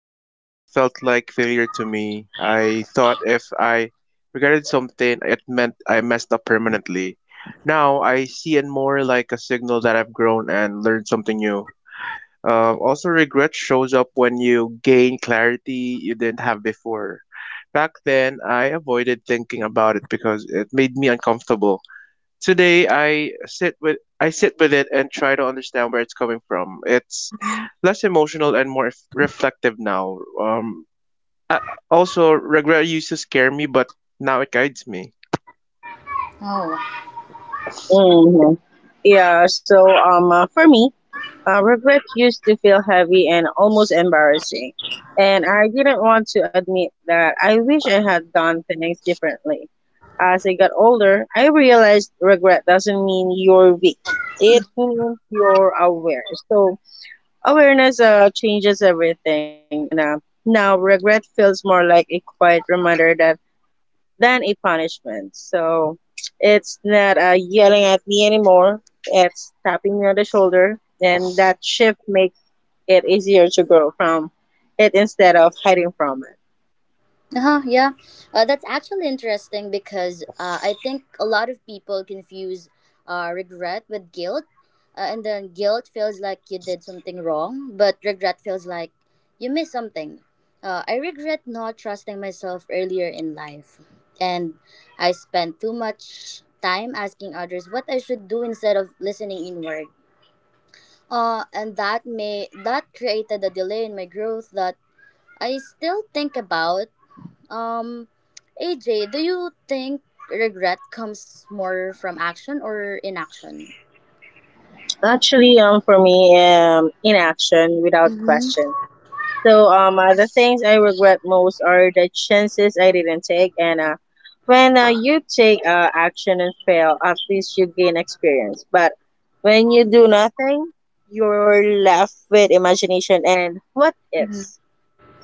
regret felt like failure to me. I thought if I regretted something, it meant I messed up permanently. Now I see it more like a signal that I've grown and learned something new. Also, regret shows up when you gain clarity you didn't have before. Back then, I avoided thinking about it because it made me uncomfortable. Today I sit with it and try to understand where it's coming from. It's less emotional and more reflective now. I, also, regret used to scare me, but now it guides me. hmm Yeah, so for me, regret used to feel heavy and almost embarrassing. And I didn't want to admit that I wish I had done things differently. As I got older, I realized regret doesn't mean you're weak, it means you're aware. So, awareness changes everything. And now, regret feels more like a quiet reminder that than a punishment. So it's not yelling at me anymore. It's tapping me on the shoulder, and that shift makes it easier to grow from it instead of hiding from it. Uh-huh, yeah, that's actually interesting because I think a lot of people confuse regret with guilt. And then guilt feels like you did something wrong, but regret feels like you missed something. I regret not trusting myself earlier in life. And I spent too much time asking others what I should do instead of listening inward. And that created a delay in my growth that I still think about. um, AJ, do you think regret comes more from action or inaction? Actually, for me, inaction without Mm-hmm. question. So the things I regret most are the chances I didn't take, and when you take action and fail, at least you gain experience. But when you do nothing, you're left with imagination and what Mm-hmm. ifs.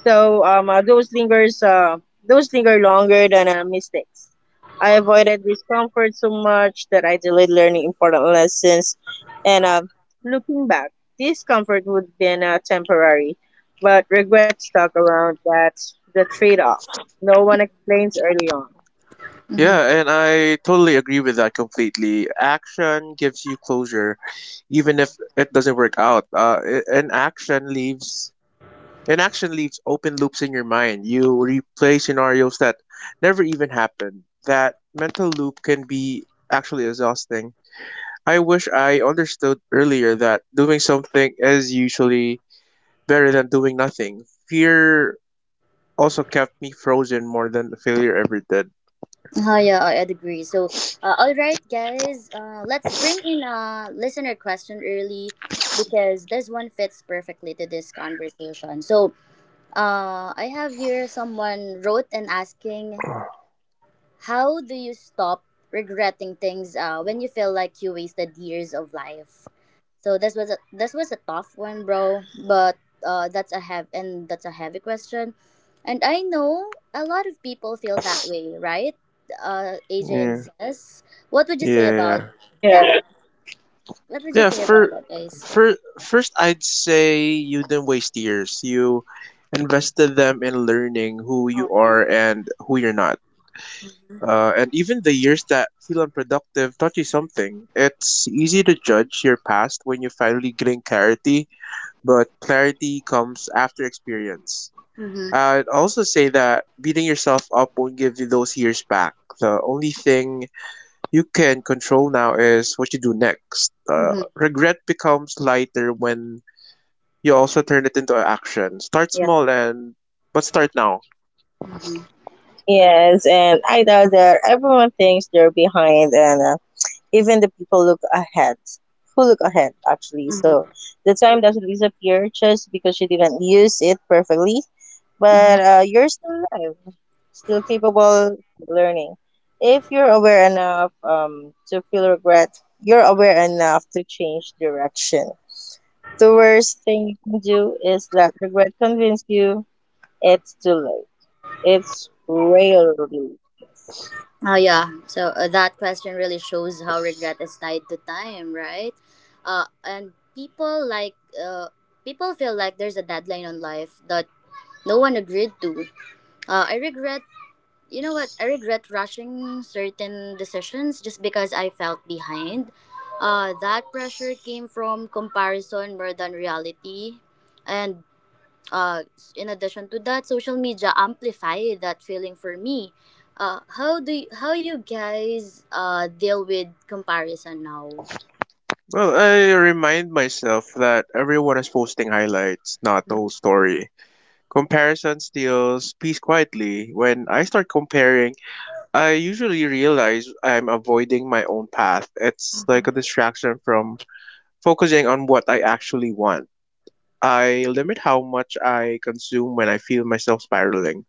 So those linger longer than mistakes. I avoided discomfort so much that I delayed learning important lessons. And looking back, discomfort would have been temporary, but regret stuck around. That's the trade-off. No one explains early on. Yeah, Mm-hmm. and I totally agree with that completely. Action gives you closure, even if it doesn't work out. A- and action leaves Inaction leaves open loops in your mind. You replay scenarios that never even happened. That mental loop can be actually exhausting. I wish I understood earlier that doing something is usually better than doing nothing. Fear also kept me frozen more than the failure ever did. Oh, yeah, I'd agree. So, all right, guys, let's bring in a listener question early because this one fits perfectly to this conversation. So, I have here someone wrote and asking, "How do you stop regretting things when you feel like you wasted years of life?" So this was a tough one, bro. But that's a heavy, and that's a heavy question, and I know a lot of people feel that way, right? AJ and Yeah, Zess, what would you say yeah, about yeah. Yeah. that? What would you Yeah, say about that, guys? for First, I'd say you didn't waste years. You invested them in learning who you Yeah. are and who you're not. And even the years that feel unproductive taught you something. It's easy to judge your past when you finally gain clarity, but clarity comes after experience. Mhm. I'd also say that beating yourself up won't give you those years back. The only thing you can control now is what you do next. Uh, Mhm. regret becomes lighter when you also turn it into action. Start Yeah. small, and but start now. Mhm. Yes, and I know that everyone thinks they're behind, and even the people look ahead who look ahead actually. So Mhm. the time doesn't disappear just because you didn't use it perfectly, Mhm. but you're still alive, still capable, still learning. If you're aware enough to feel regret, you're aware enough to change direction. The worst thing you can do is let regret convince you it's too late. It's rarely is. Oh, yeah. So that question really shows how regret is tied to time, right? And people feel like there's a deadline on life that no one agreed to. I regret, you know what? I regret rushing certain decisions just because I felt behind. That pressure came from comparison more than reality, and, uh, in addition to that, social media amplify that feeling for me. How you guys deal with comparison now? Well, I remind myself that everyone is posting highlights, not the whole story. Comparison steals peace quietly. When I start comparing, I usually realize I'm avoiding my own path. It's like a distraction from focusing on what I actually want. I limit how much I consume when I feel myself spiraling.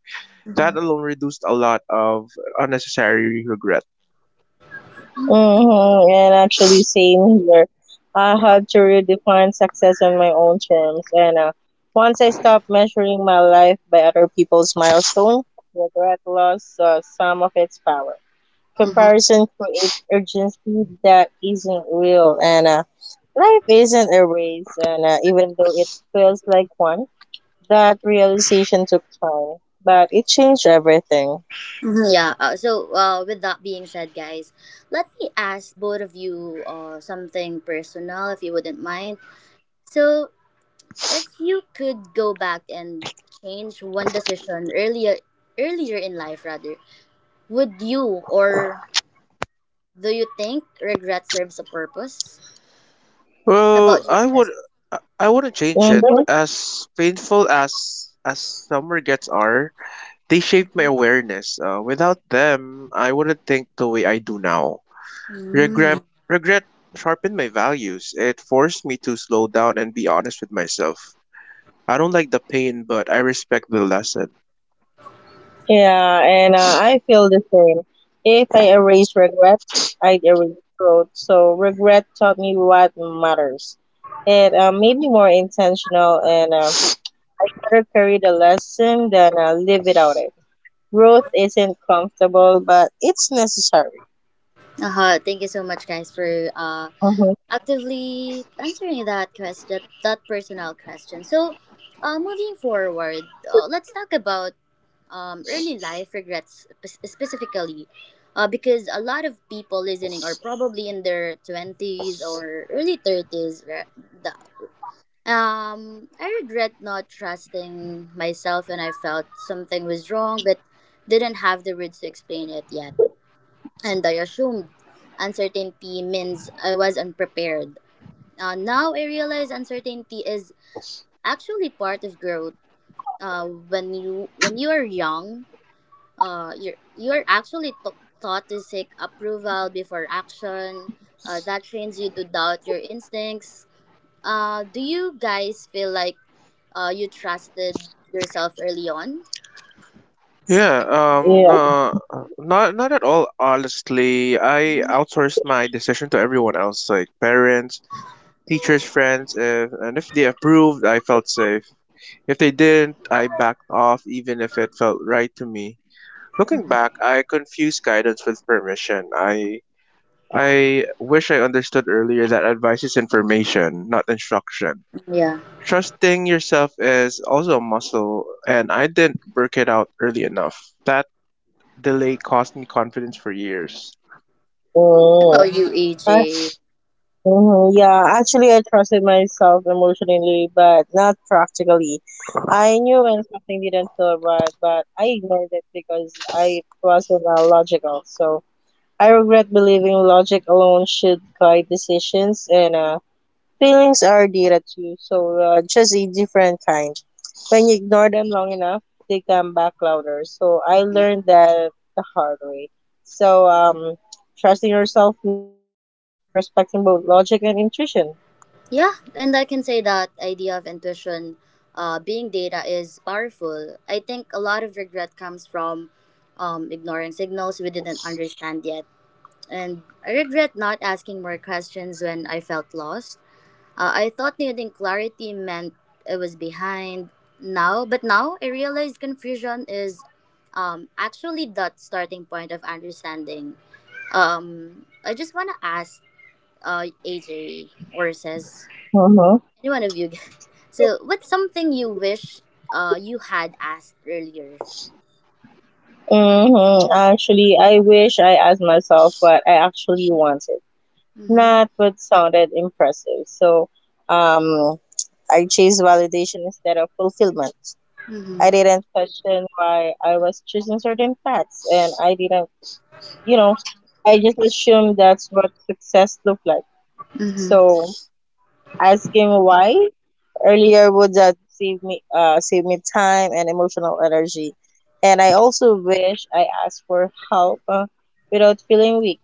That Mhm. alone reduced a lot of unnecessary regret. Mm-hmm. And actually, same here. I had to redefine success on my own terms. And once I stopped measuring my life by other people's milestone, regret lost some of its power. Mm-hmm. Comparison creates urgency that isn't real. And life isn't a race. And even though it feels like one, that realization took time. But it changed everything. Mhm, yeah. So, with that being said, guys, let me ask both of you something personal, if you wouldn't mind. So, if you could go back and change one decision earlier, earlier in life, rather, would you, or do you think regret serves a purpose? How Well, about you, I would sis? I wouldn't change it. Mm-hmm. As painful as summer gets are, they shaped my Mhm. awareness. Without them, I wouldn't think the way I do now. Mm. Regret regret sharpened my values. It forced me to slow down and be honest with myself. I don't like the pain, but I respect the lesson. Yeah, and I feel the same. If I erase regret, I'd erase growth. So regret taught me what matters. It made me more intentional, and I'd rather carry the lesson than live without it. Growth isn't comfortable, but it's necessary. Uh-huh. Thank you so much, guys, for uh, Mm-hmm. actively answering that question, that personal question. So, moving forward, let's talk about early life regrets specifically, because a lot of people listening are probably in their 20s or early 30s, right? The- I regret not trusting myself, and I felt something was wrong, but didn't have the words to explain it yet, and I assumed uncertainty means I was unprepared. Now I realize uncertainty is actually part of growth. When you are young, you are actually taught to seek approval before action. That trains you to doubt your instincts. Do you guys feel like you trusted yourself early on? Yeah, Yeah. no, not at all. Honestly, I outsourced my decision to everyone else, like parents, teachers, friends. If they approved, I felt safe. If they didn't, I backed off even if it felt right to me. Looking back, I confused guidance with permission. I wish I understood earlier that advice is information, not instruction. Yeah. Trusting yourself is also a muscle, and I didn't work it out early enough. That delay cost me confidence for years. How Mm. about you, AJ? Mm-hmm. Yeah, actually, I trusted myself emotionally, but not practically. I knew when something didn't feel right, but I ignored it because I wasn't logical. So I regret believing logic alone should guide decisions, and feelings are data too, so just a different kind. When you ignore them long enough, they come back louder. So I learned that the hard way. So trusting yourself means respecting both logic and intuition. Yeah, and I can say that idea of intuition being data is powerful. I think a lot of regret comes from ignoring signals we didn't understand yet. And I regret not asking more questions when I felt lost. I thought needing clarity meant I was behind now, but now I realize confusion is, actually, that starting point of understanding. I just want to ask, AJ or says, Mm-hmm. any one of you, so what's something you wish you had asked earlier? Mm-hmm. Actually, I wish I asked myself what I actually wanted, Mm-hmm. not what sounded impressive. So, um, I chased validation instead of fulfillment. Mm-hmm. I didn't question why I was choosing certain paths, and I didn't, you know, I just assumed that's what success looked like. Mm-hmm. So, asking why earlier would that save me save me time and emotional energy. And I also wish I asked for help without feeling weak.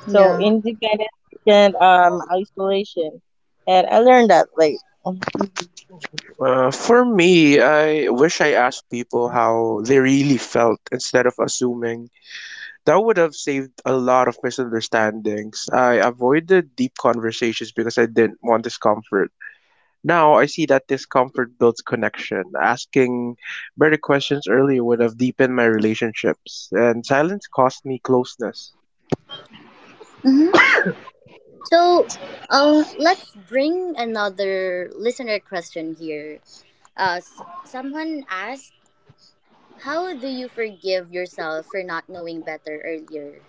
So Yeah. independence isn't isolation, and I learned that late. Mm-hmm. For me, I wish I asked people how they really felt instead of assuming. That would have saved a lot of misunderstandings. I avoided deep conversations because I didn't want discomfort. Now I see that discomfort builds connection. Asking better questions earlier would have deepened my relationships, and silence cost me closeness. Mm-hmm. So, let's bring another listener question here. Someone asked, "How do you forgive yourself for not knowing better earlier?"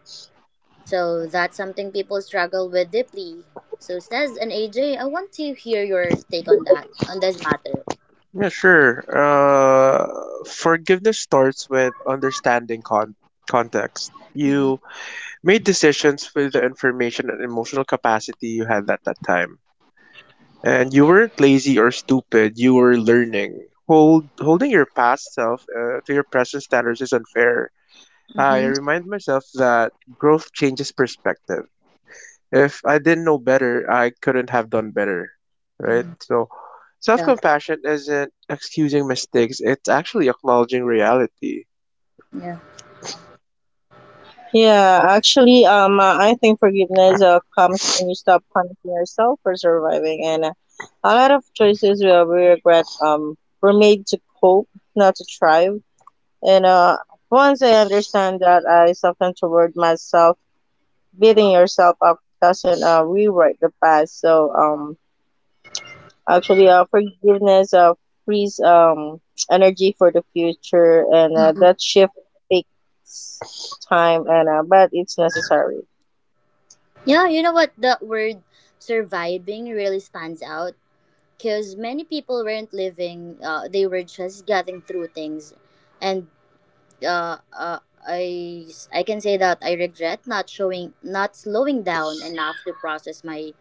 So that's something people struggle with deeply. So says an AJ, I want to hear your take on that, on this matter. Yeah, sure. Forgiveness starts with understanding context. Mm-hmm. You made decisions with the information and emotional capacity you had at that time. And you weren't lazy or stupid, you were learning. Holding your past self to your present standards is unfair. I Mm-hmm. remind myself that growth changes perspective. If I didn't know better, I couldn't have done better. Right? Mm-hmm. So, self Yeah. compassion isn't excusing mistakes, it's actually acknowledging reality. Yeah. Yeah, actually I think forgiveness comes when you stop punishing yourself for surviving. And a lot of choices we regret were made to cope, not to thrive. And once I understand that, I soften toward myself. Beating yourself up doesn't rewrite the past. So actually, forgiveness frees energy for the future, and that shift takes time, and but it's necessary. Yeah, you know what? The word surviving really stands out because many people weren't living, they were just getting through things. And uh, uh, I, I can say that I regret not showing, not slowing down enough to process my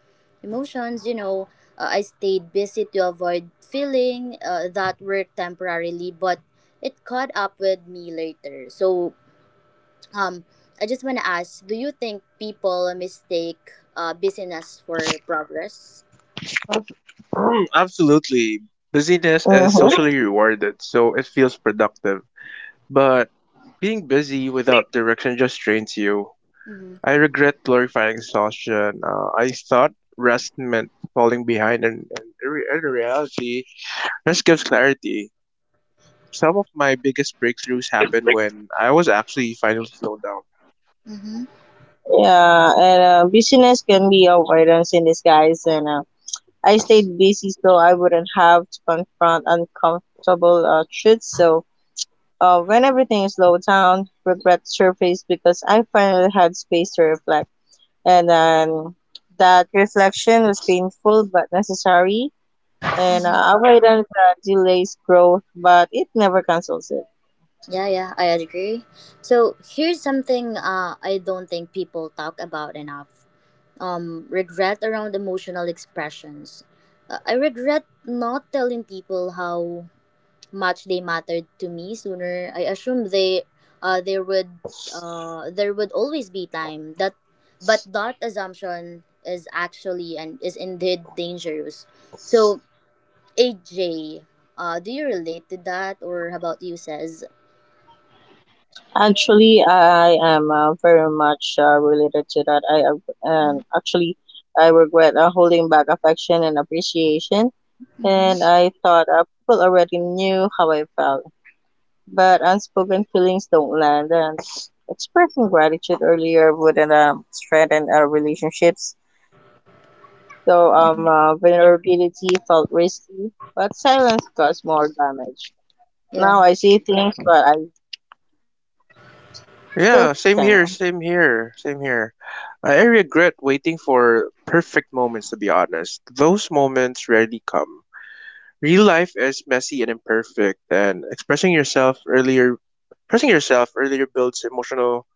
emotions. You know, I stayed busy to avoid feeling, that work temporarily, but it caught up with me later. So um, I just want to ask: do you think people mistake busyness for progress? Mm, absolutely. Busyness is Mm-hmm. socially rewarded, so it feels productive. But being busy without direction just drains you. Mm-hmm. I regret glorifying exhaustion. I thought rest meant falling behind, and in reality, rest gives clarity. Some of my biggest breakthroughs happened when I was actually finally slowed down. Mm-hmm. Yeah, and busyness can be avoidance in disguise. And I stayed busy so I wouldn't have to confront uncomfortable truths. So when everything slowed down, regret surfaced because I finally had space to reflect. And then that reflection was painful but necessary. And Mm-hmm. Avoidance delays growth, but it never cancels it. Yeah, yeah, I agree. So here's something, I don't think people talk about enough: regret around emotional expressions. I regret not telling people how much they mattered to me sooner. I assumed they uh, there would there would always be time that but that assumption is actually and is indeed dangerous. So, AJ, do you relate to that, or how about you, says? Actually, I am very much related to that. I Actually, I regret holding back affection and appreciation. Mm-hmm. And I thought people already knew how I felt, but unspoken feelings don't land, and expressing gratitude earlier wouldn't strengthen our relationships. So vulnerability felt risky, but silence caused more damage. Now Yeah. I see things, but I still can. Yeah, same here. I regret waiting for perfect moments, to be honest. Those moments rarely come. Real life is messy and imperfect, and expressing yourself earlier builds emotional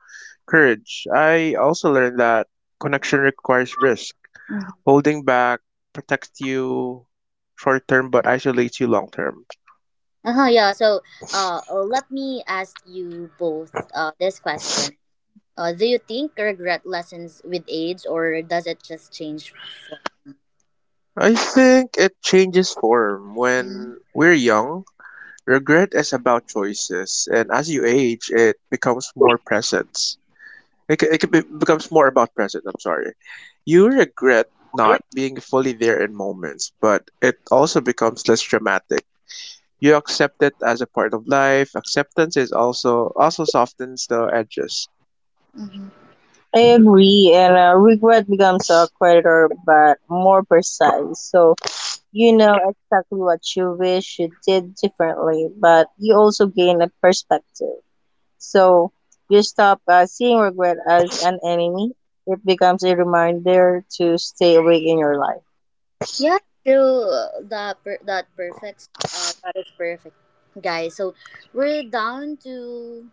courage. I also learned that connection requires risk. Mhm. Holding back protects you short term but isolates you long term. Uh-huh, yeah. So let me ask you both this question: do you think regret lessens with age, or does it just change form? I think it changes form. Mm-hmm. When we're young, regret is about choices, and as you age, it becomes more presence. It becomes more about presence, I'm sorry. You regret not being fully there in moments, but it also becomes less dramatic. You accept it as a part of life. Acceptance is also also softens the edges. I agree, and regret becomes a creditor, but more precise. So you know exactly what you wish you did differently, but you also gain a perspective. So you stop seeing regret as an enemy. It becomes a reminder to stay awake in your life. Yeah, true. That perfect. That is perfect, guys. So we're down to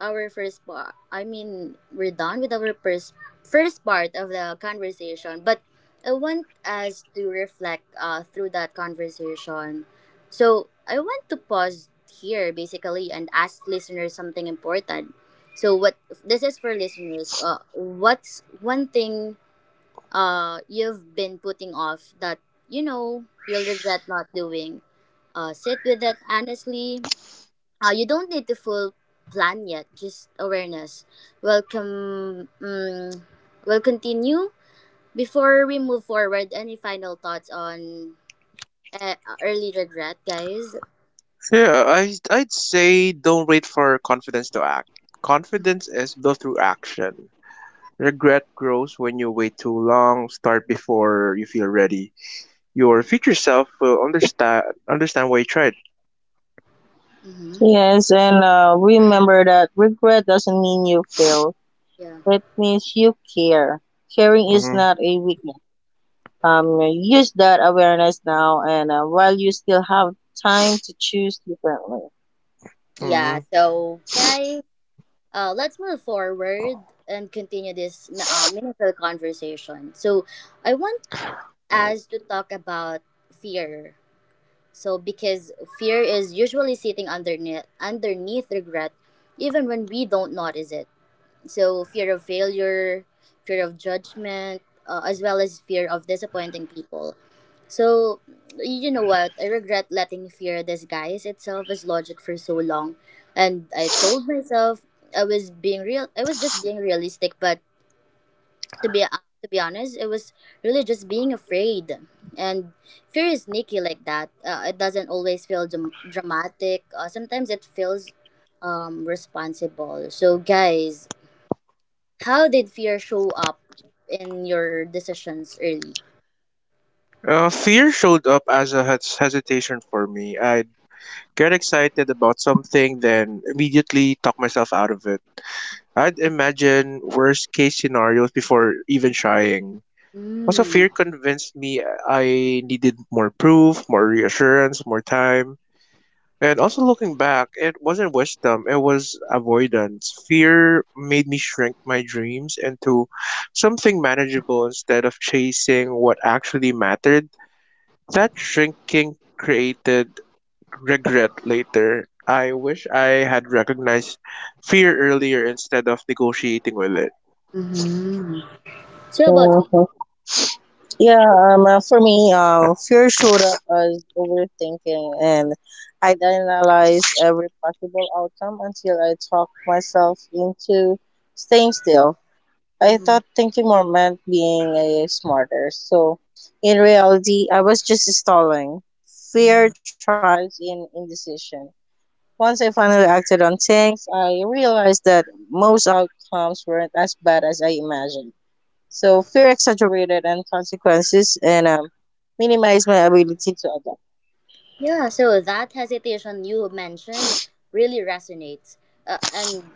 our first part. I mean, we're done with our first part of the conversation. But I want us to reflect through that conversation. So I want to pause here basically and ask listeners something important. So what this is for listeners. What's one thing you've been putting off that you know you'll regret not doing? Sit with it honestly. You don't need to full plan yet, just awareness. Welcome. Mm. Will continue. Before we move forward, any final thoughts on uh, early regret, guys? Yeah, I'd say don't wait for confidence to act. Confidence is built through action. Regret grows when you wait too long. Start before you feel ready. Your future self will understand why you tried. Mm-hmm. Yes, and remember that regret doesn't mean you fail. Yeah. It means you care. Caring is Mm-hmm. not a weakness. Use that awareness now, and while you still have time to choose differently. Yeah, Mm-hmm. so okay, let's move forward and continue this meaningful conversation. So I want as to talk about fear. So because fear is usually sitting underneath regret even when we don't notice it. So, fear of failure, fear of judgment, as well as fear of disappointing people. So, you know what? I regret letting fear disguise itself as logic for so long. And I told myself, I was just being realistic, but, to be honest, it was really just being afraid. And fear is sneaky like that. It doesn't always feel dramatic. Sometimes it feels, responsible. So, guys, how did fear show up in your decisions early? Fear showed up as a hesitation for me. I'd get excited about something, then immediately talk myself out of it. I'd imagine worst case scenarios before even trying. Also, Mm. fear convinced me I needed more proof, more reassurance, more time. And also, looking back, it wasn't wisdom, it was avoidance. Fear made me shrink my dreams into something manageable instead of chasing what actually mattered. That shrinking created regret later. I wish I had recognized fear earlier instead of negotiating with it. Mm-hmm. So, how about you? Mhm. Yeah, for me, fear showed up as overthinking, and I'd analyze every possible outcome until I talked myself into staying still. I Mm-hmm. thought thinking more meant being a smarter. So in reality, I was just stalling. Fear thrives in indecision. Once I finally acted on things, I realized that most outcomes weren't as bad as I imagined. So fear exaggerated and consequences and minimized my ability to adapt. Yeah, so that hesitation you mentioned really resonates. Uh, and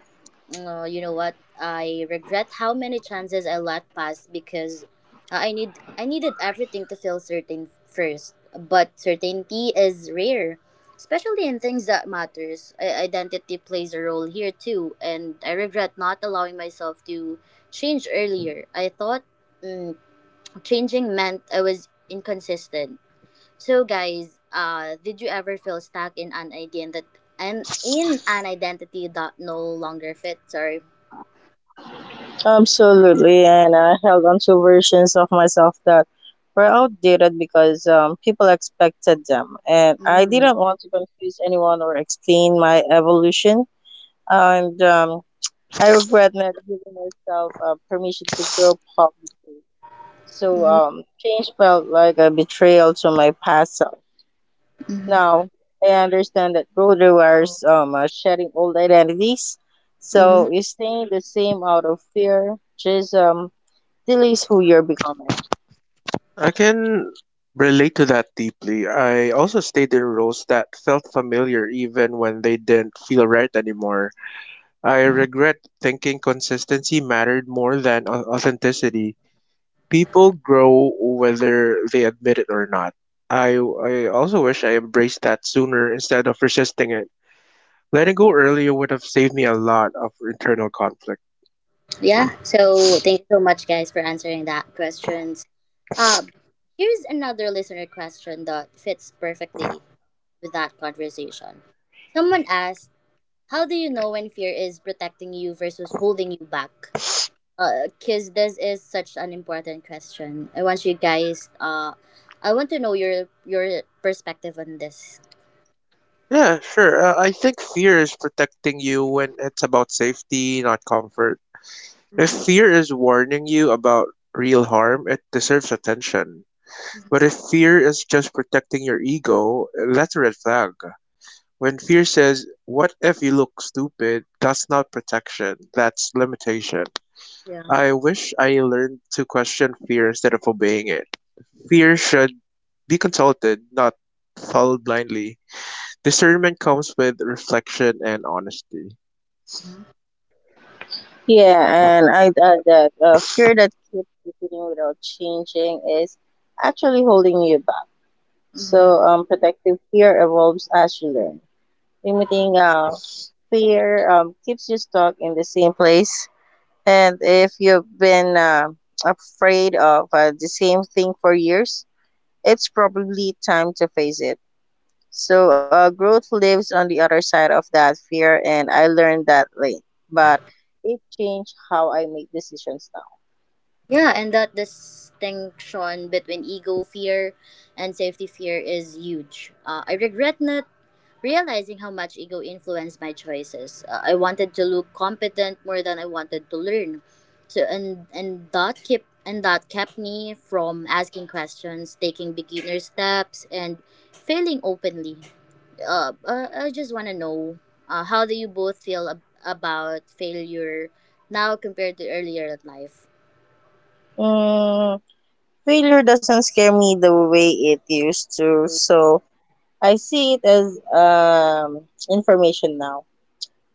uh, you know what? I regret how many chances I let pass because I needed everything to feel certain first. But certainty is rare, especially in things that matters. Identity plays a role here too, and I regret not allowing myself to change earlier. I thought, mm, changing meant I was inconsistent. So, guys, did you ever feel stuck in an identity that no longer fits? Sorry. Absolutely, and I held on to versions of myself that were outdated because people expected them, and I Mm. didn't want to confuse anyone or explain my evolution. And I regret not giving myself permission to grow publicly. So Mm-hmm. Change felt like a betrayal to my past self. Mm-hmm. Now I understand that growth requires shedding old identities. Mm-hmm. So you staying the same out of fear, just um, delays who you're becoming. I can relate to that deeply. I also stayed in roles that felt familiar even when they didn't feel right anymore. I regret thinking consistency mattered more than authenticity. People grow whether they admit it or not. I also wish I embraced that sooner instead of resisting it. Letting go earlier would have saved me a lot of internal conflict. Yeah. So thank you so much, guys, for answering that questions. Uh, Here's another listener question that fits perfectly with that conversation. Someone asked, "How do you know when fear is protecting you versus holding you back?" Because this is such an important question. I want you guys. I want to know your perspective on this. Yeah, sure. I think fear is protecting you when it's about safety, not comfort. If Mhm. fear is warning you about real harm, it deserves attention. But if fear is just protecting your ego, that's a red flag. When fear says, "What if you look stupid?" That's not protection, that's limitation. Yeah. I wish I learned to question fear instead of obeying it. Fear should be consulted, not followed blindly. Discernment comes with reflection and honesty. Yeah, and I'd add that fear that keeps repeating without changing is actually holding you back. Mhm. So, protective fear evolves as you learn. Limiting fear keeps you stuck in the same place. And if you've been afraid of the same thing for years, it's probably time to face it. So growth lives on the other side of that fear, and I learned that late. But it changed how I make decisions now. Yeah, and that distinction between ego fear and safety fear is huge. I regret not realizing how much ego influenced my choices. I wanted to look competent more than I wanted to learn. So and that kept me from asking questions, taking beginner steps, and failing openly. I just want to know, how do you both feel about failure now compared to earlier in life? Mm, failure doesn't scare me the way it used to, so I see it as information now.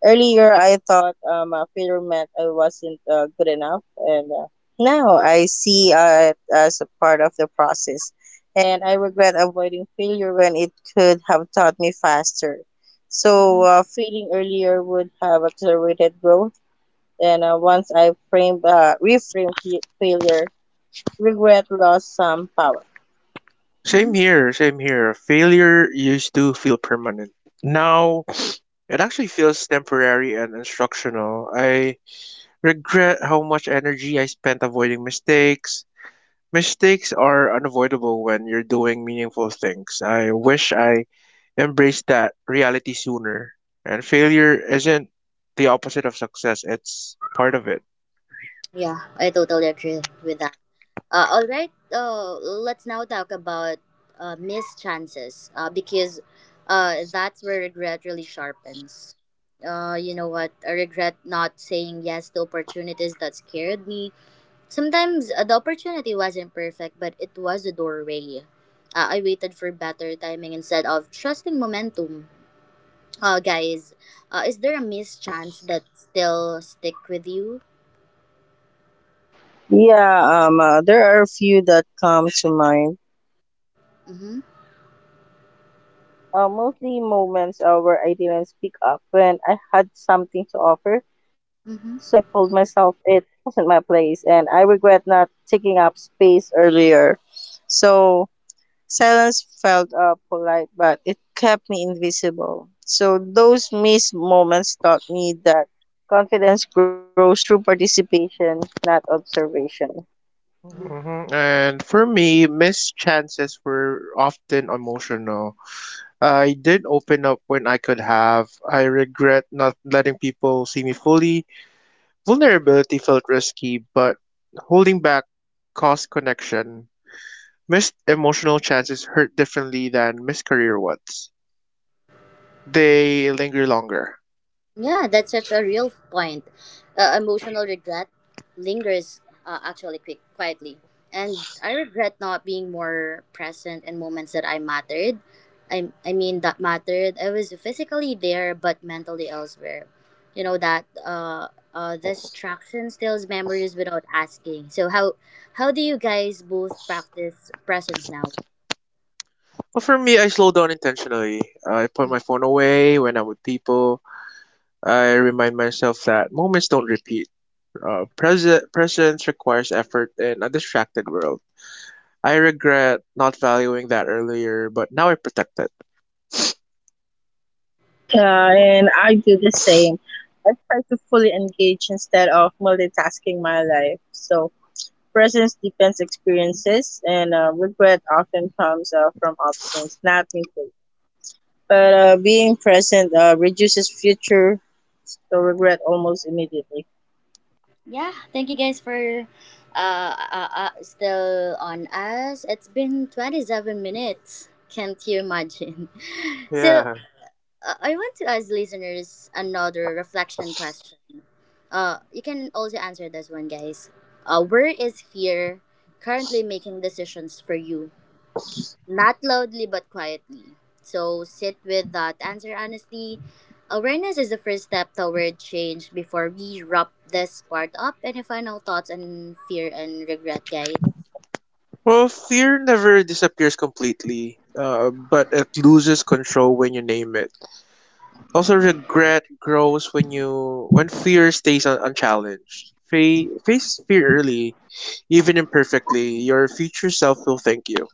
Earlier, I thought failure meant I wasn't good enough, and now I see it as a part of the process. And I regret avoiding failure when it could have taught me faster. So, failing earlier would have accelerated growth. And once I reframed failure, regret lost some power. Same here. Failure used to feel permanent. Now, it actually feels temporary and instructional. I regret how much energy I spent avoiding mistakes. Mistakes are unavoidable when you're doing meaningful things. I wish I embraced that reality sooner. And failure isn't the opposite of success, it's part of it. Yeah, I totally agree with that. All right, let's now talk about missed chances, because, that's where regret really sharpens. You know what? I regret not saying yes to opportunities that scared me. Sometimes, the opportunity wasn't perfect, but it was a doorway. I waited for better timing instead of trusting momentum. Guys, is there a missed chance that still stick with you? Yeah, there are a few that come to mind. Mm-hmm. Mostly moments where I didn't speak up when I had something to offer. So I Mm-hmm. told myself it wasn't my place, and I regret not taking up space earlier. So silence felt polite, but it kept me invisible. So those missed moments taught me that confidence grows through participation, not observation. Mm-hmm. And for me, missed chances were often emotional. I did open up when I could have. I regret not letting people see me fully. Vulnerability felt risky, but holding back caused connection. Missed emotional chances hurt differently than missed career ones. They linger longer. Yeah, that's such a real point. Emotional regret lingers, actually, quietly. And I regret not being more present in moments that I mattered. I mean, that mattered. I was physically there, but mentally elsewhere. That distraction steals memories without asking. So, how do you guys both practice presence now? Well, for me, I slow down intentionally. I put my phone away when I'm with people. I remind myself that moments don't repeat. President Presence requires effort in a distracted world. I regret not valuing that earlier, but now I protect it. Yeah, and I do the same. I try to fully engage instead of multitasking my life. So presence depends experiences, and regret often comes from absence, not increase. But being present reduces future so regret almost immediately. Yeah, thank you guys for still on us. It's been 27 minutes. Can't you imagine? So, Yeah. I want to ask listeners hmm another reflection question. You can also answer this one, guys. Where is fear currently making decisions for you? Not loudly but quietly. So sit with that answer honestly. Awareness is the first step toward change before we wrap this part up. Any final thoughts on fear and regret, guys? Well, fear never disappears completely, but it loses control when you name it. Also, regret grows when fear stays unchallenged. Face fear early, even imperfectly. Your future self will thank you.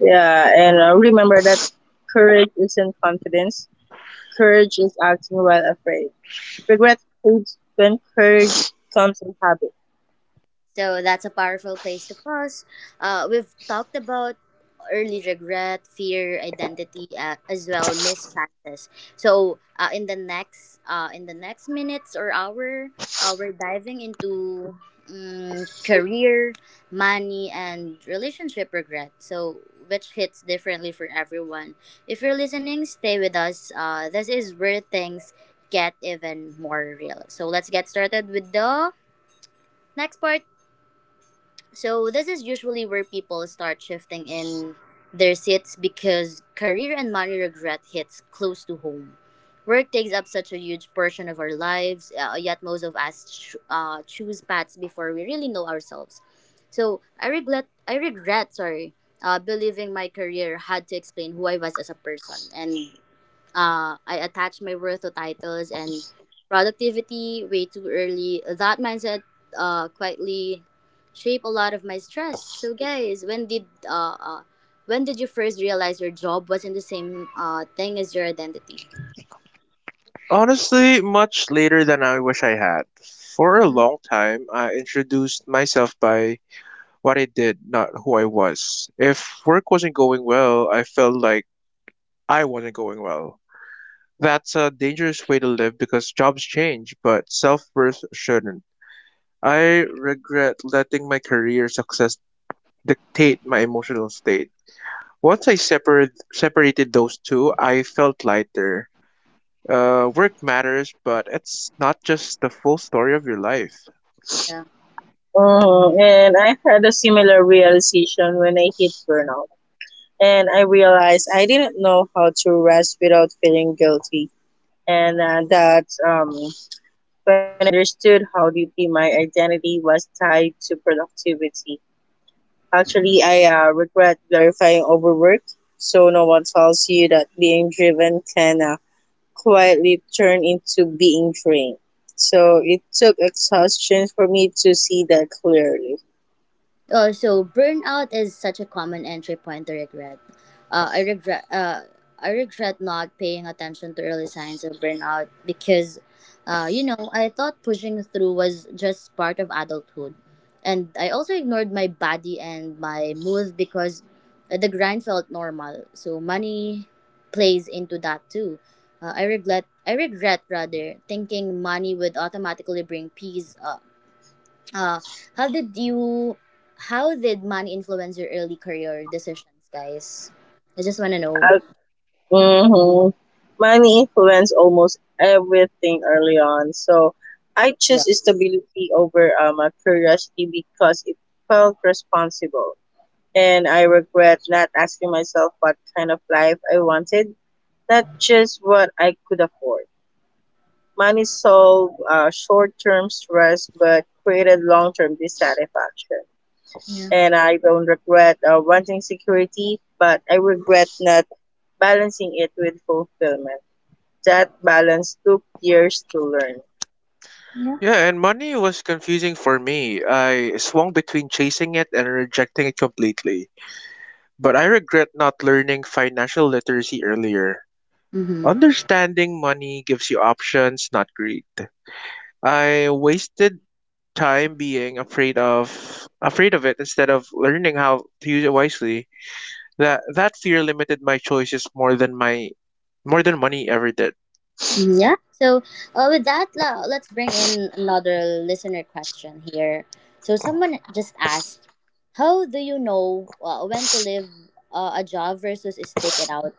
Yeah, and remember that courage isn't confidence. Courage is acting while afraid. Regret fades when courage comes in habit. So that's a powerful place to pause. We've talked about early regret, fear, identity, as well missed chances. So in the next minutes or hour, we're diving into career, money, and relationship regret. So which hits differently for everyone. If you're listening, stay with us. This is where things get even more real. So let's get started with the next part. So this is usually where people start shifting in their seats because career and money regret hits close to home. Work takes up such a huge portion of our lives, yet most of us choose paths before we really know ourselves. So I regret believing my career had to explain who I was as a person, and I attach my worth to titles and productivity way too early. That mindset quietly shape a lot of my stress. So guys, when did you first realize your job wasn't the same thing as your identity? Honestly, much later than I wish I had. For a Hmm. long time, I introduced myself by what I did, not who I was. If work wasn't going well, I felt like I wasn't going well. That's a dangerous way to live because jobs change, but self worth shouldn't. I regret letting my career success dictate my emotional state. Once I separated those two, I felt lighter. Work matters, but it's not just the full story of your life. And I had a similar realization when I hit burnout. And I realized I didn't know how to rest without feeling guilty. And that when I understood how deeply my identity was tied to productivity. Actually, I regret glorifying overwork, so no one tells you that being driven can quietly turn into being drained. So it took exhaustion for me to see that clearly. So burnout is such a common entry point to regret. I regret. I regret not paying attention to early signs of burnout because, I thought pushing through was just part of adulthood, and I also ignored my body and my mood because the grind felt normal. So money plays into that too. I regret rather thinking money would automatically bring peace. Uh, how did you? How did money influence your early career decisions, guys? I just want to know. hmm Money influenced almost everything early on. So I Yeah. chose stability over curiosity because it felt responsible. And I regret not asking myself what kind of life I wanted, not just what I could afford. Money solved short term stress but created long term dissatisfaction. Yeah. And I don't regret wanting security, but I regret not balancing it with fulfillment. That balance took years to learn. Yeah. Yeah, and money was confusing for me. I swung between chasing it and rejecting it completely. But I regret not learning financial literacy earlier. Mm-hmm. Understanding money gives you options, not greed. I wasted time being afraid of it instead of learning how to use it wisely. That fear limited my choices more than my more than money ever did. Yeah. So, with that, let's bring in another listener question here. So, someone just asked, "How do you know when to leave a job versus stick it out?"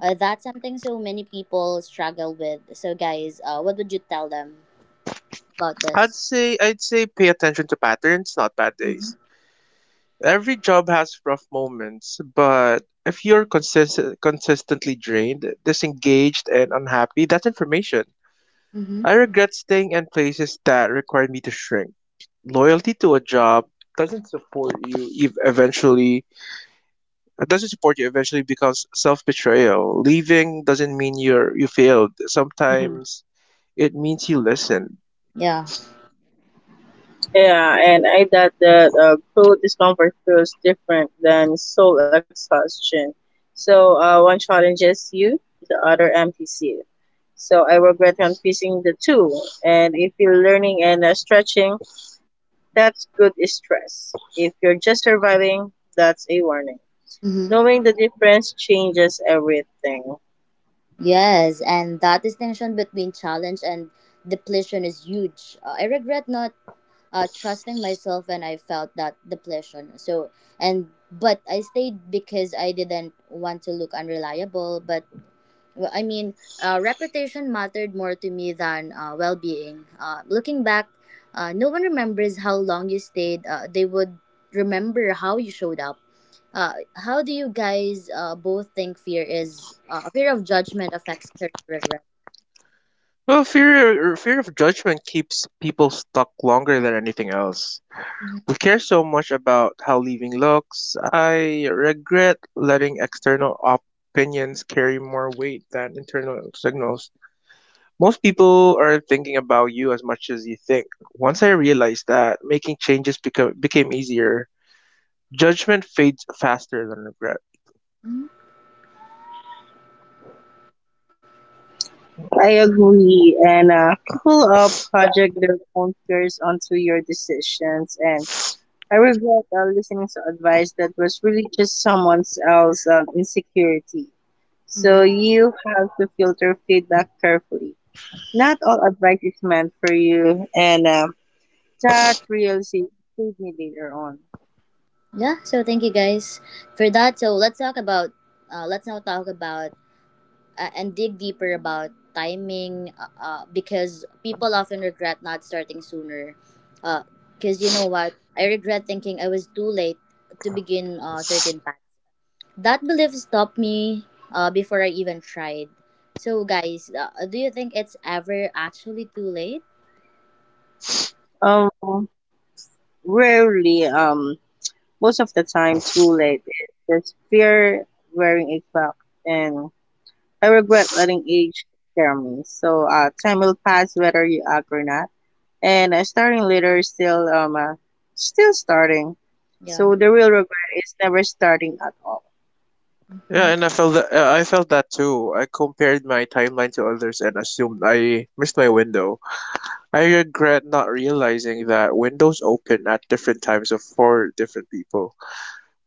That's something so many people struggle with. So, guys, what would you tell them about this? I'd say pay attention to patterns, not bad Mm-hmm. days. Every job has rough moments, but if you're consistently drained, disengaged, and unhappy, that's information. Mm-hmm. I regret staying in places that required me to shrink. Loyalty to a job doesn't support you ev- eventually it doesn't support you eventually becomes self-betrayal. Leaving doesn't mean you failed. Sometimes it means you listened. Yeah. Yeah, and I thought that cruel discomfort feels different than soul exhaustion. So one challenges you, the other empties you. So I regret confusing the two. And if you're learning and stretching, that's good stress. If you're just surviving, that's a warning. Mm-hmm. Knowing the difference changes everything. Yes, and that distinction between challenge and depletion is huge. I regret not trusting myself when I felt that depletion. So, and but I stayed because I didn't want to look unreliable, but well, I mean, reputation mattered more to me than well being. Looking back, no one remembers how long you stayed. They would remember how you showed up. How do you guys both think fear of judgment affects career regret? Well, fear of judgment keeps people stuck longer than anything else. We care so much about how leaving looks. I regret letting external opinions carry more weight than internal signals. Most people aren't thinking about you as much as you think. Once I realized that, became easier. Judgment fades faster than regret. I agree. And people project their own fears onto your decisions. And I regret listening to advice that was really just someone else's insecurity. So Mm-hmm. you have to filter feedback carefully. Not all advice is meant for you. And that realization saved me later on. Yeah. So thank you guys for that. So let's now talk about and dig deeper about timing because people often regret not starting sooner. Because you know what? I regret thinking I was too late to begin certain path. That belief stopped me before I even tried. So, guys, do you think it's ever actually too late? Um, rarely, most of the time, too late. It's just fear wearing a cloak. And I regret letting age scare me. Time will pass whether you act or not. And starting later is still starting. Yeah. So the real regret is never starting at all. Yeah, Mhm. and I felt that too. I compared my timeline to others and assumed I missed my window. I regret not realizing that windows open at different times of for different people.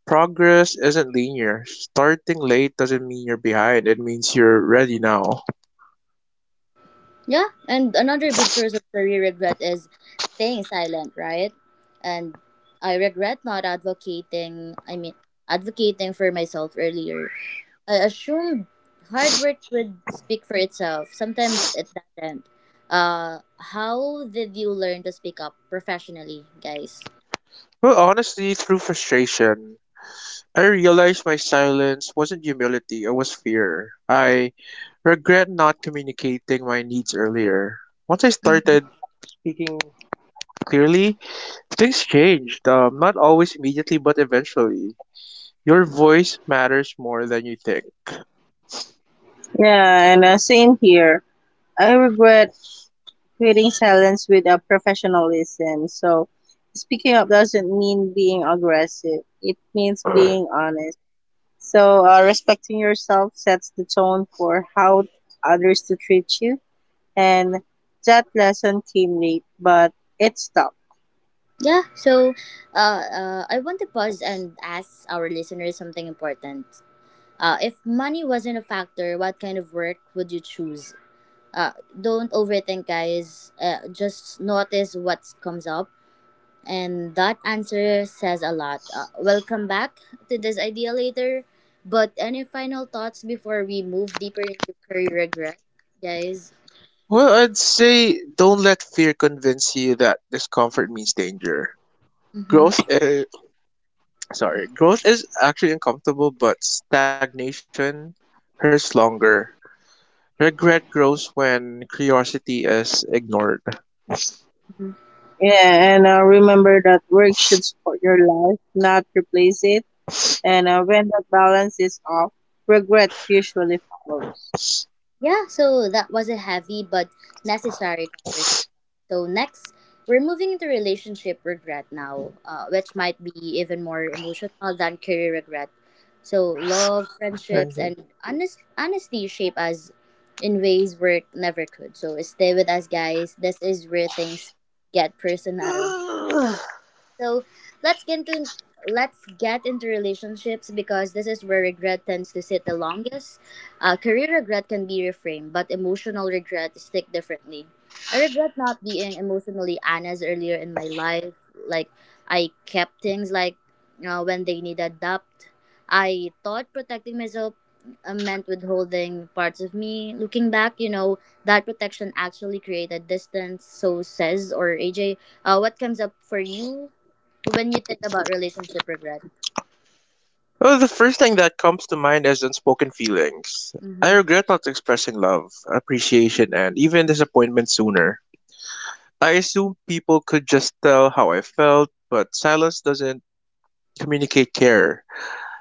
Progress isn't linear. Starting late doesn't mean you're behind. It means you're ready now. Yeah. And another big source of career regret is staying silent, right? And I regret not advocating, I mean, advocating for myself earlier. I assumed hard work would speak for itself. Sometimes it doesn't. Uh, how did you learn to speak up professionally, guys? Well, honestly, through frustration, I realized my silence wasn't humility, it was fear. I regret not communicating my needs earlier. Once I started Mhm. speaking clearly, things changed. Not always immediately, but eventually. Your voice matters more than you think. Yeah, and same here. I regret creating silence with a professionalism. So speaking up doesn't mean being aggressive. It means being honest. So respecting yourself sets the tone for how others to treat you. And that lesson came late, but it stuck. Yeah, so I want to pause and ask our listeners something important. If money wasn't a factor, what kind of work would you choose? Don't overthink, guys. Just notice what comes up. And that answer says a lot. We'll come back to this idea later. But any final thoughts before we move deeper into career regret, guys? Well, I'd say don't let fear convince you that discomfort means danger. Growth, uh, Growth is actually uncomfortable, but stagnation hurts longer. Regret grows when curiosity is ignored. Yeah, and remember that work should support your life, not replace it. And when that balance is off, regret usually follows. Yeah, so that was a heavy but necessary conversation. So next, we're moving into relationship regret now, which might be even more emotional than career regret. So love, friendships, and honesty shape us in ways work never could. So stay with us, guys. This is where things get personal. So let's get into let's get into relationships because this is where regret tends to sit the longest. Career regret can be reframed, but emotional regret is stick differently. I regret not being emotionally honest earlier in my life. Like I kept things like, when they needed depth. I thought protecting myself meant withholding parts of me. Looking back, you know that protection actually created distance. So says or AJ, what comes up for you when you think about relationship regret. Well, the first thing that comes to mind is unspoken feelings. I Mm-hmm. regret not expressing love, appreciation, and even disappointment sooner. I assumed people could just tell how I felt, but silence doesn't communicate care.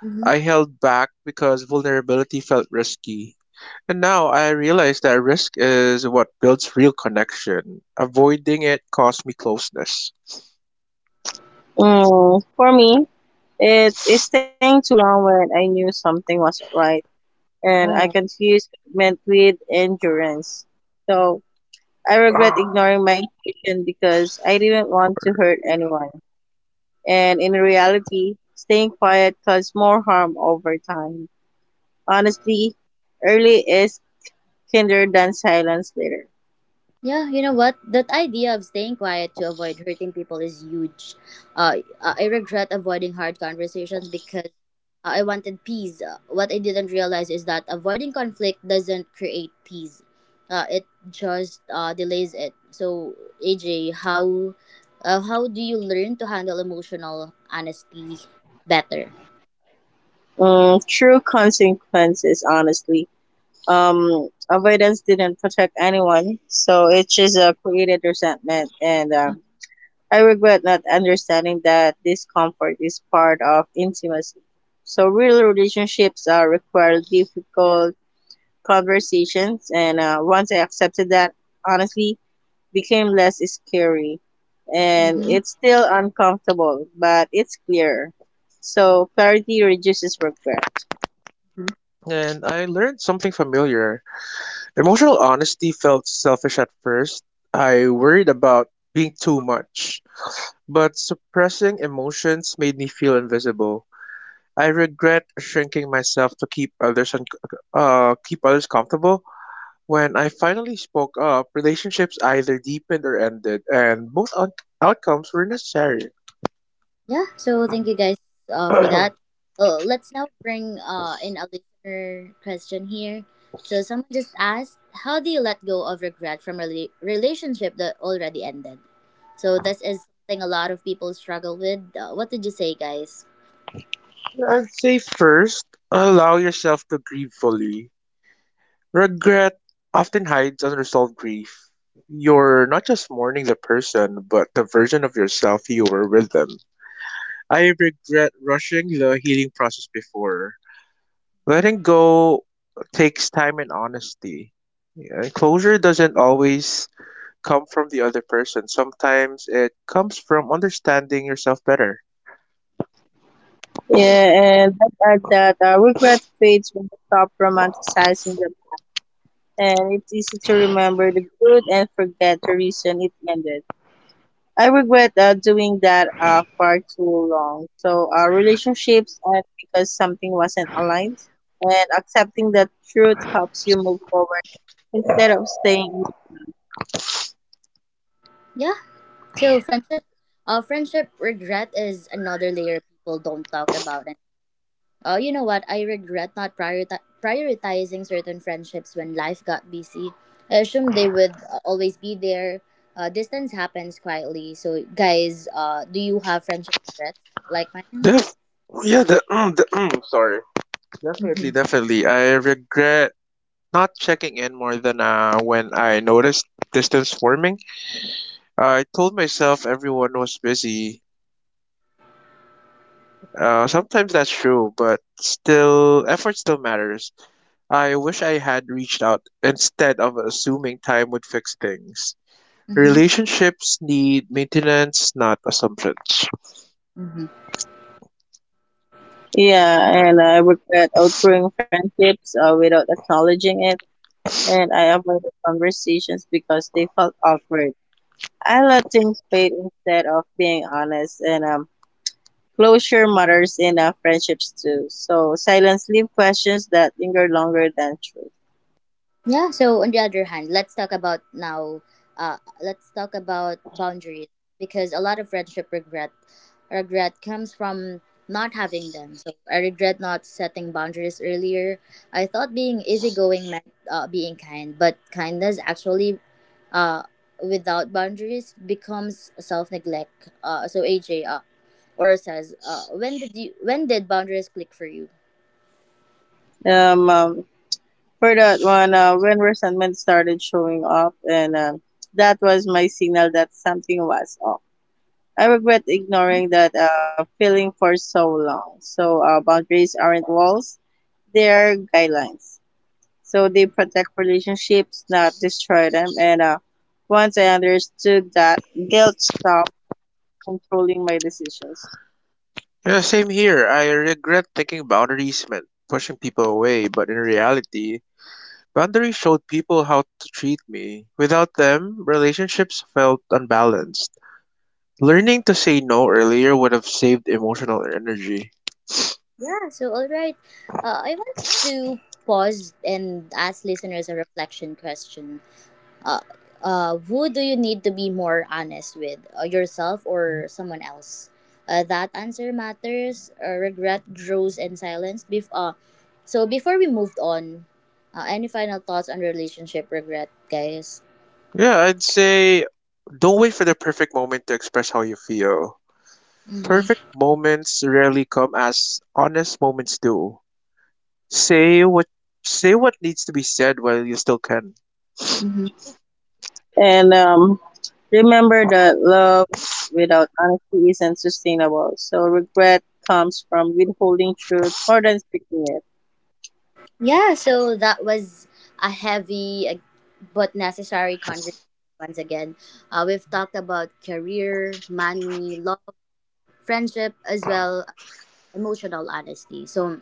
Mm-hmm. I held back because vulnerability felt risky. And now I realize that risk is what builds real connection. Avoiding it cost me closeness. Mm, for me, it's staying too long when I knew something wasn't right, and I Oh. confused commitment with endurance. So I regret Ah. ignoring my intuition because I didn't want to hurt anyone. And in reality, staying quiet caused more harm over time. Honestly, early is kinder than silence later. Yeah, you know what? That idea of staying quiet to avoid hurting people is huge. I regret avoiding hard conversations because I wanted peace. What I didn't realize is that avoiding conflict doesn't create peace. It just delays it. So, AJ, how do you learn to handle emotional honesty better? Mm, true consequences, honestly. Avoidance didn't protect anyone, so it just created resentment. And I regret not understanding that discomfort is part of intimacy. So real relationships require difficult conversations, and once I accepted that, honestly, became less scary. And Mm-hmm. it's still uncomfortable, but it's clearer. So clarity reduces regret. And I learned something familiar. Emotional honesty felt selfish at first. I worried about being too much, but suppressing emotions made me feel invisible. I regret shrinking myself to keep others comfortable. When I finally spoke up, relationships either deepened or ended, and both outcomes were necessary. Yeah, so thank you guys for I'd that. Let's now bring in a listener question here. So someone just asked, how do you let go of regret from a relationship that already ended? So this is something a lot of people struggle with. What did you say, guys? say first, allow yourself to grieve fully. Regret often hides unresolved grief. You're not just mourning the person, but the version of yourself you were with them. I regret rushing the healing process before. Letting go takes time and honesty. Yeah, closure doesn't always come from the other person. Sometimes it comes from understanding yourself better. Yeah, and I'd add that regret fades when we stop romanticizing the past. And it's easy to remember the good and forget the reason it ended. I regret doing that far too long. So relationships end because something wasn't aligned, and accepting that truth helps you move forward instead of staying emotionally stuck. Yeah, so friendship regret is another layer people don't talk about. You know what? I regret not prioritizing certain friendships when life got busy. I assumed they would always be there. Distance happens quietly. So, guys, do you have friendship regrets like mine? Def- yeah, the mm, sorry. Definitely, Mm-hmm. definitely. I regret not checking in more than when I noticed distance forming. I told myself everyone was busy. Sometimes that's true, but still, effort still matters. I wish I had reached out instead of assuming time would fix things. Mm-hmm. Relationships need maintenance, not assumptions. Mm-hmm. Yeah, and I regret outgrowing friendships without acknowledging it, and I avoided conversations because they felt awkward. I let things fade instead of being honest, and closure matters in friendships too. So silence leaves questions that linger longer than truth. Yeah. So on the other hand, let's talk about now. Let's talk about boundaries because a lot of friendship regret comes from not having them. So I regret not setting boundaries earlier. I thought being easygoing meant being kind, but kindness actually uh without boundaries becomes self neglect. So AJ or says, when did you when did boundaries click for you? Um, um for that one, when resentment started showing up, and that was my signal that something was off. I regret ignoring that feeling for so long. So boundaries aren't walls; they are guidelines. So they protect relationships, not destroy them. And once I understood that, guilt stopped controlling my decisions. Yeah, same here. I regret thinking boundaries meant pushing people away, but in reality, boundaries showed people how to treat me. Without them, relationships felt unbalanced. Learning to say no earlier would have saved emotional energy. Yeah, so all right. I want to pause and ask listeners a reflection question. Uh, who do you need to be more honest with, yourself or someone else? That answer matters. Regret grows in silence. So before we moved on, any final thoughts on relationship regret, guys? Yeah, I'd say don't wait for the perfect moment to express how you feel. Perfect Mm-hmm. moments rarely come as honest moments do. Say what Say what needs to be said while you still can. And remember that love without honesty isn't sustainable. So regret comes from withholding truth more than speaking it. Yeah, so that was a heavy but necessary conversation once again. We've talked about career, money, love, friendship, as well as emotional honesty. So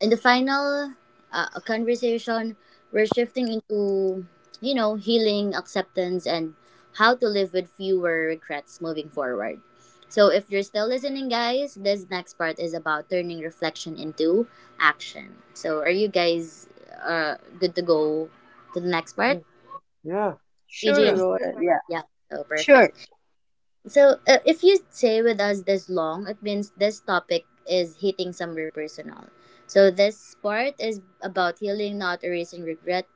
in the final conversation, we're shifting into, healing, acceptance, and how to live with fewer regrets moving forward. So, if you're still listening, guys, this next part is about turning reflection into action. So, are you guys good to go to the next part? Yeah, EJ Sure, yeah. and go ahead. Yeah, yeah, so sure. perfect. So, if you stay with us this long, it means this topic is hitting somewhere personal. So, this part is about healing, not erasing regret,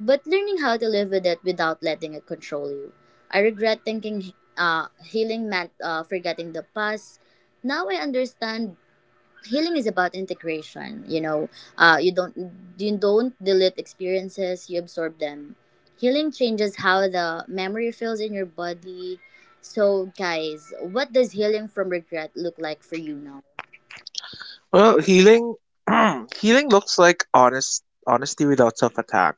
but learning how to live with it without letting it control you. I regret thinking healing meant forgetting the past. Now I understand healing is about integration uh, you don't you don't delete experiences. You absorb them. Healing changes how the memory feels in your body. So guys, what does healing from regret look like for you now? Well, healing healing looks like honest honesty without self-attack.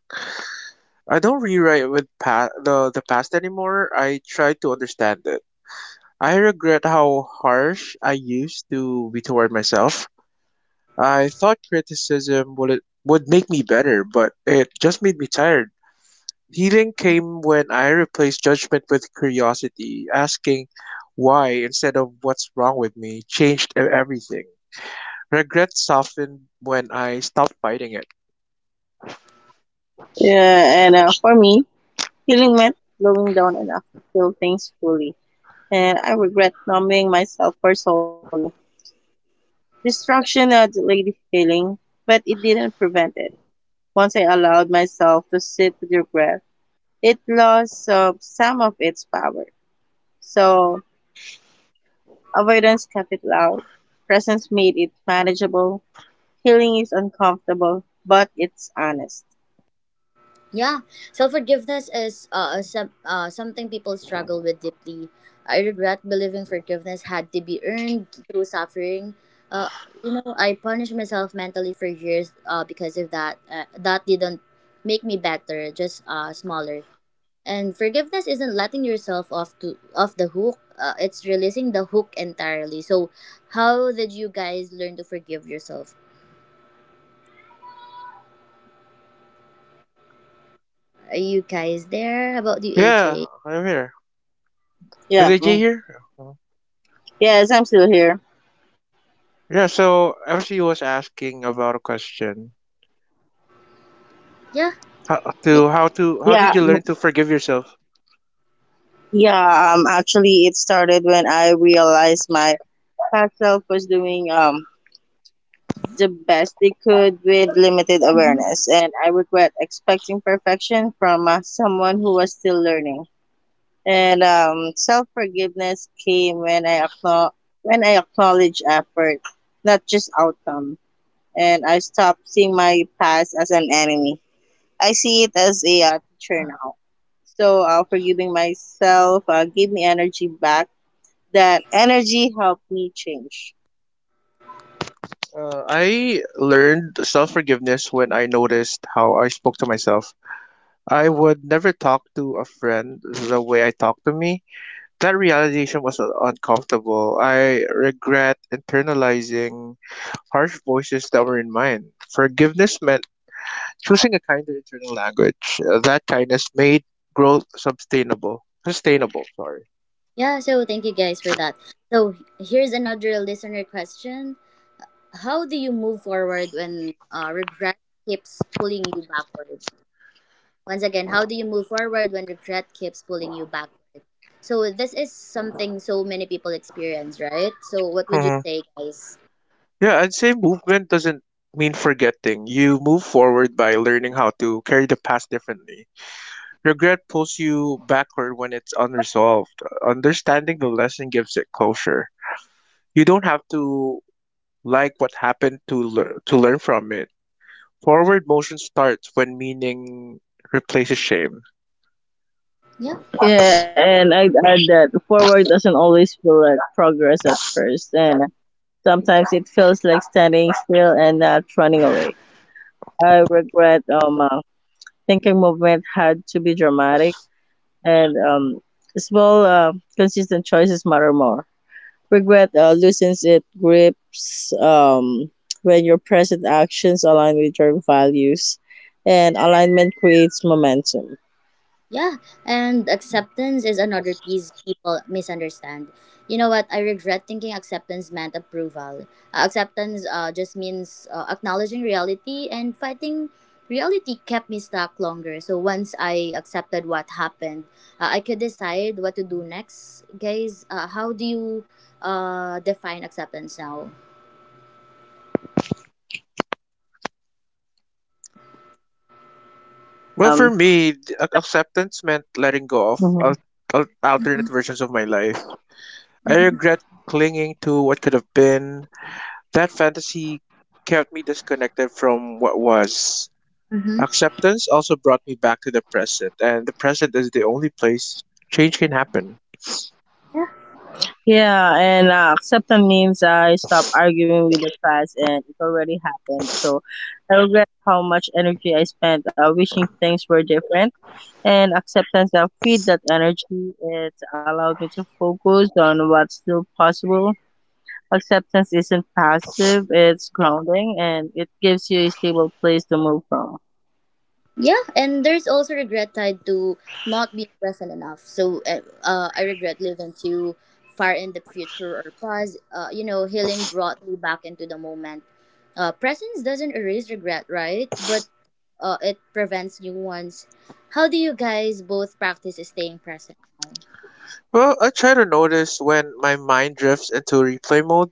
I don't rewrite with the past anymore. I try to understand it. I regret how harsh I used to be toward myself. I thought criticism would make me better, but it just made me tired. Healing came when I replaced judgment with curiosity, asking why instead of what's wrong with me changed everything. Regret softened when I stopped fighting it. Yeah, and for me, healing meant slowing down enough to feel things fully. And I regret numbing myself for so long. Distraction delayed healing, but it didn't prevent it. Once I allowed myself to sit with regret, it lost some of its power. So avoidance kept it loud. Presence made it manageable. Healing is uncomfortable, but it's honest. Yeah, self forgiveness is something people struggle with deeply. I regret believing forgiveness had to be earned through suffering. Uh, I punished myself mentally for years because of that. That didn't make me better, just smaller. And forgiveness isn't letting yourself off the hook. It's releasing the hook entirely. So, how did you guys learn to forgive yourself? Are you guys there? How about you, Yeah, AJ? I'm here. Is Yeah. AJ Mm. here? Mhm. Yes, I'm still here. Yeah, so actually was asking about a question. Yeah. Make- How Yeah. did you mm, learn to forgive yourself? Yeah. Actually, it started when I realized my past self was doing the best they could with limited awareness, and I regret expecting perfection from someone who was still learning. And self forgiveness came when I acknowledge effort, not just outcome. And I stopped seeing my past as an enemy. I see it as a teacher now. So forgiving myself gave me energy back. That energy helped me change. I learned self forgiveness when I noticed how I spoke to myself. I would never talk to a friend the way I talked to me. That realization was uncomfortable. I regret internalizing harsh voices that were in mine. Forgiveness meant choosing a kinder internal language. Uh, that kindness made growth sustainable. Sustainable, sorry. Yeah, so thank you guys for that. So here's another listener question. How do you move forward when regret keeps pulling you backward? Once again, how do you move forward when regret keeps pulling you backward? So this is something so many people experience, right? So what would you Mhm. say, guys? Yeah, I'd say movement doesn't mean forgetting. You move forward by learning how to carry the past differently. Regret pulls you backward when it's unresolved. Understanding the lesson gives it closure. You don't have to like what happened to learn from it. Forward motion starts when meaning replaces shame. Yeah. Yeah, and I'd add that forward doesn't always feel like progress at first, and sometimes it feels like standing still and not running away. I regret thinking movement had to be dramatic, and small, consistent choices matter more. Regret loosens its grips when your present actions align with your values, and alignment creates momentum. Yeah, and acceptance is another piece people misunderstand. You know what? I regret thinking acceptance meant approval. Acceptance just means acknowledging reality, and fighting reality kept me stuck longer. So once I accepted what happened, I could decide what to do next. Guys, how do you define acceptance now? Yeah, and Well, for me, acceptance meant letting go of Mhm. Alternate Mm-hmm. versions of my life. I Mm-hmm. regret clinging to what could have been. That fantasy kept me disconnected from what was. Mm-hmm. Acceptance also brought me back to the present, and the present is the only place change can happen. Acceptance means I stop arguing with the past, and it already happened. So I regret how much energy I spent wishing things were different. And acceptance freed that energy. It allowed me to focus on what's still possible. Acceptance isn't passive, it's grounding and it gives you a stable place to move from. Yeah, and there's also regret tied to not being present enough. So I regret living too far in the future or past. Healing brought me back into the moment. Presence doesn't erase regret, right? But it prevents new ones. How do you guys both practice staying present now? Well, I try to notice when my mind drifts into replay mode.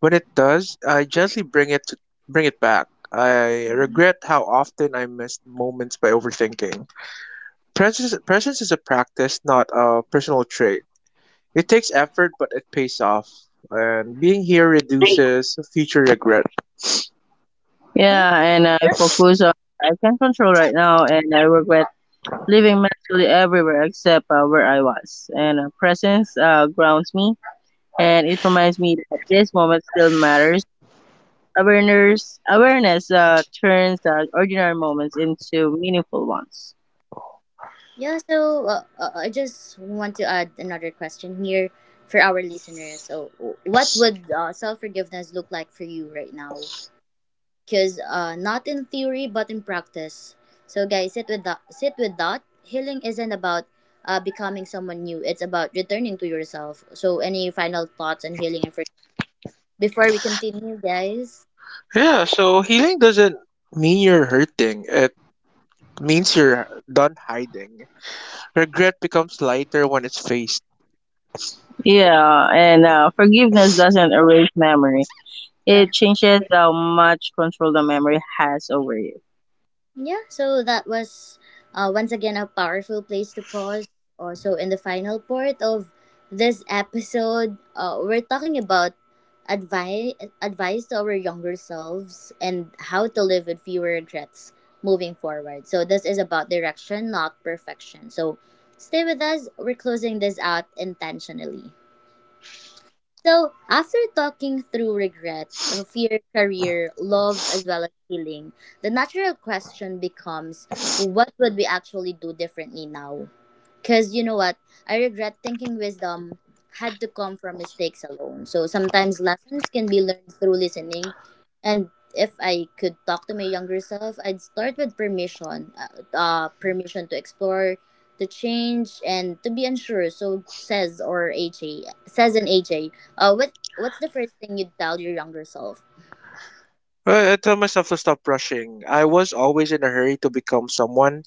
When it does, I gently bring it to, bring it back. I Mhm. regret how often I missed moments by overthinking. Presence is a practice, not a personal trait. It takes effort, but it pays off. And being here reduces future regret. Yeah, Yeah, and I focus on what I can control right now, and I regret living mentally everywhere except where I was. And presence grounds me and it reminds me that this moment still matters. Awareness turns ordinary moments into meaningful ones. yeah. I just want to add another question here for our listeners. So, what would self forgiveness look like for you right now? Because not in theory but in practice. So guys, sit with that. Sit with that. Healing isn't about becoming someone new. It's about returning to yourself. So any final thoughts on healing and forgiveness before we continue, guys? Yeah, so healing doesn't mean you're hurting. It means you're done hiding. Regret becomes lighter when it's faced. Yeah, and forgiveness doesn't erase memory. Yeah. It changes how much control the memory has over you. Yeah, so that was once again a powerful place to pause. Also, in the final part of this episode, we're talking about advice to our younger selves and how to live with fewer regrets moving forward. So this is about direction, not perfection. So stay with us. We're closing this out intentionally. So, after talking through regret, fear, career, love, as well as healing, the natural question becomes, what would we actually do differently now? Because you know what? I regret thinking wisdom had to come from mistakes alone. So sometimes lessons can be learned through listening. And if I could talk to my younger self, I'd start with permission, permission to explore, to change, and to be unsure. So says an AJ, what's the first thing you'd tell your younger self? I tell myself to stop rushing. I was always in a hurry to become someone.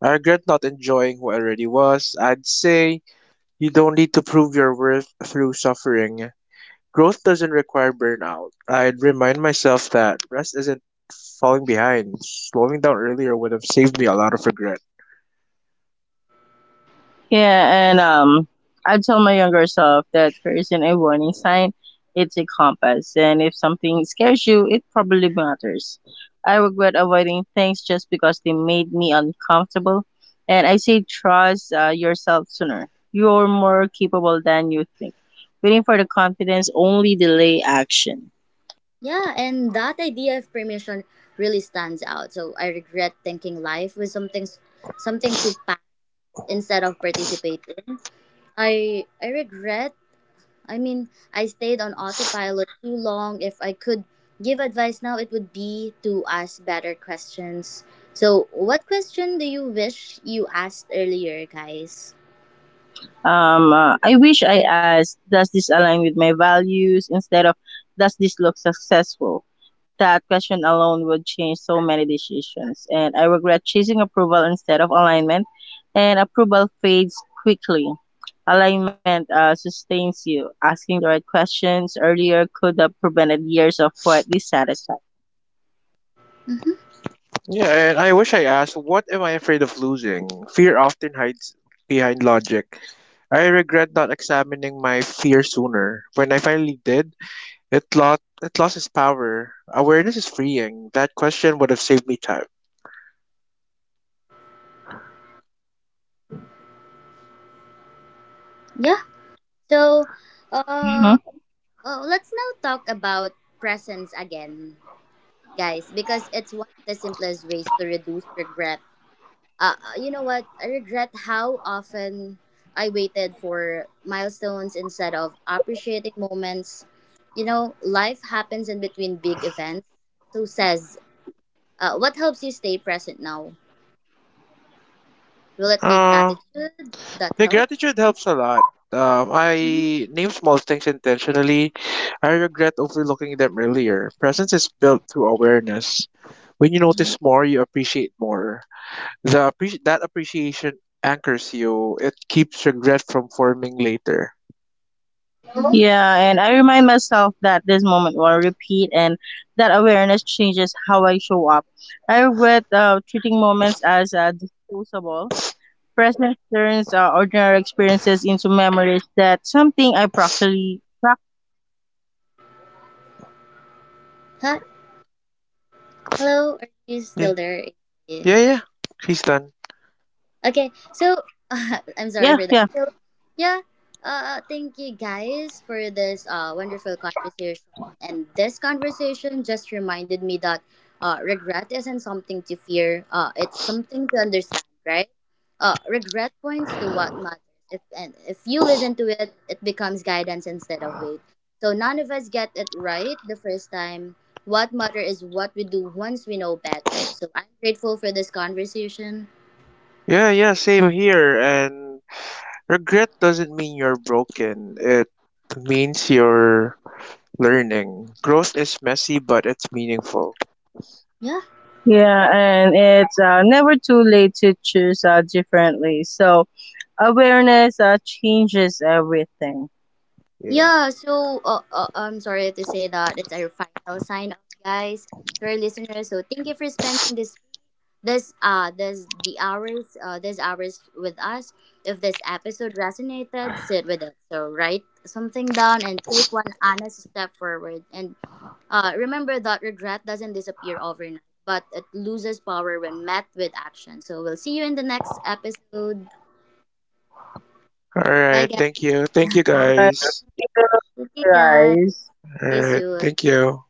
I regret not enjoying who I already was. I'd say you don't need to prove your worth through suffering. Growth doesn't require burnout. I'd remind myself that rest isn't falling behind. Slowing down earlier would have saved me a lot of regret. Yeah, and I tell my younger self that fear isn't a warning sign, it's a compass. And if something scares you, it probably matters. I regret avoiding things just because they made me uncomfortable. And I say, trust yourself sooner. You're more capable than you think. Waiting for the confidence only delay action. Yeah, and that idea of permission really stands out. So I regret thinking life was something too instead of participating. I regret. I mean, I stayed on autopilot too long. If I could give advice now, it would be to ask better questions. So, what question do you wish you asked earlier, guys? I wish I asked, does this align with my values instead of does this look successful? That question alone would change so many decisions, and I regret chasing approval instead of alignment, and approval fades quickly. Alignment sustains you. Asking the right questions earlier could have prevented years of quiet dissatisfaction. Hmm. Yeah, and I wish I asked, what am I afraid of losing? Fear often hides behind logic. I regret not examining my fear sooner. When I finally did, it lost its power. Awareness is freeing. That question would have saved me time. Yeah. So, uh, Mhm. Let's now talk about presence again, guys, because it's one of the simplest ways to reduce regret. You know what? I regret how often I waited for milestones instead of appreciating moments. You know, life happens in between big events. So says, what helps you stay present now? Will it be Uh gratitude that The helps? gratitude helps a lot. Mm-hmm. I name small things intentionally. I regret overlooking them earlier. Presence is built through awareness. When you notice more, you appreciate more. The appre- that appreciation anchors you. It keeps regret from forming later. Mm-hmm. Yeah, and I remind myself that this moment will repeat and that awareness changes how I show up. I regret treating moments as disposable. Presence turns ordinary experiences into memories that something I practically practice daily. Hi, hello. Are you Yeah, still there? yeah, yeah. She's done. Yeah, Okay, yeah. so I'm sorry for that. So yeah, thank you guys for this wonderful conversation. And this conversation just reminded me that regret isn't something to fear. It's something to understand, right? Regret points to what matters. If you listen to it, it becomes guidance instead of weight. So none of us get it right the first time. What matters is what we do once we know better. So I'm grateful for this conversation. Yeah, yeah. Same here. And regret doesn't mean you're broken. It means you're learning. Growth is messy, but it's meaningful. Yeah. Yeah, and it's never too late to choose differently. So awareness changes everything. Yeah, so I'm sorry to say that it's our final sign off, guys, to our listeners. So thank you for spending this this this the hours these hours with us. If this episode resonated, sit with it. So write something down and take one honest step forward. And remember that regret doesn't disappear overnight, but it loses power when met with action. So we'll see you in the next episode. All Bye right. guys. Thank you. Thank you, All right, guys. thank you. Thank Thank you you, guys. guys. All See you right. soon. Thank you.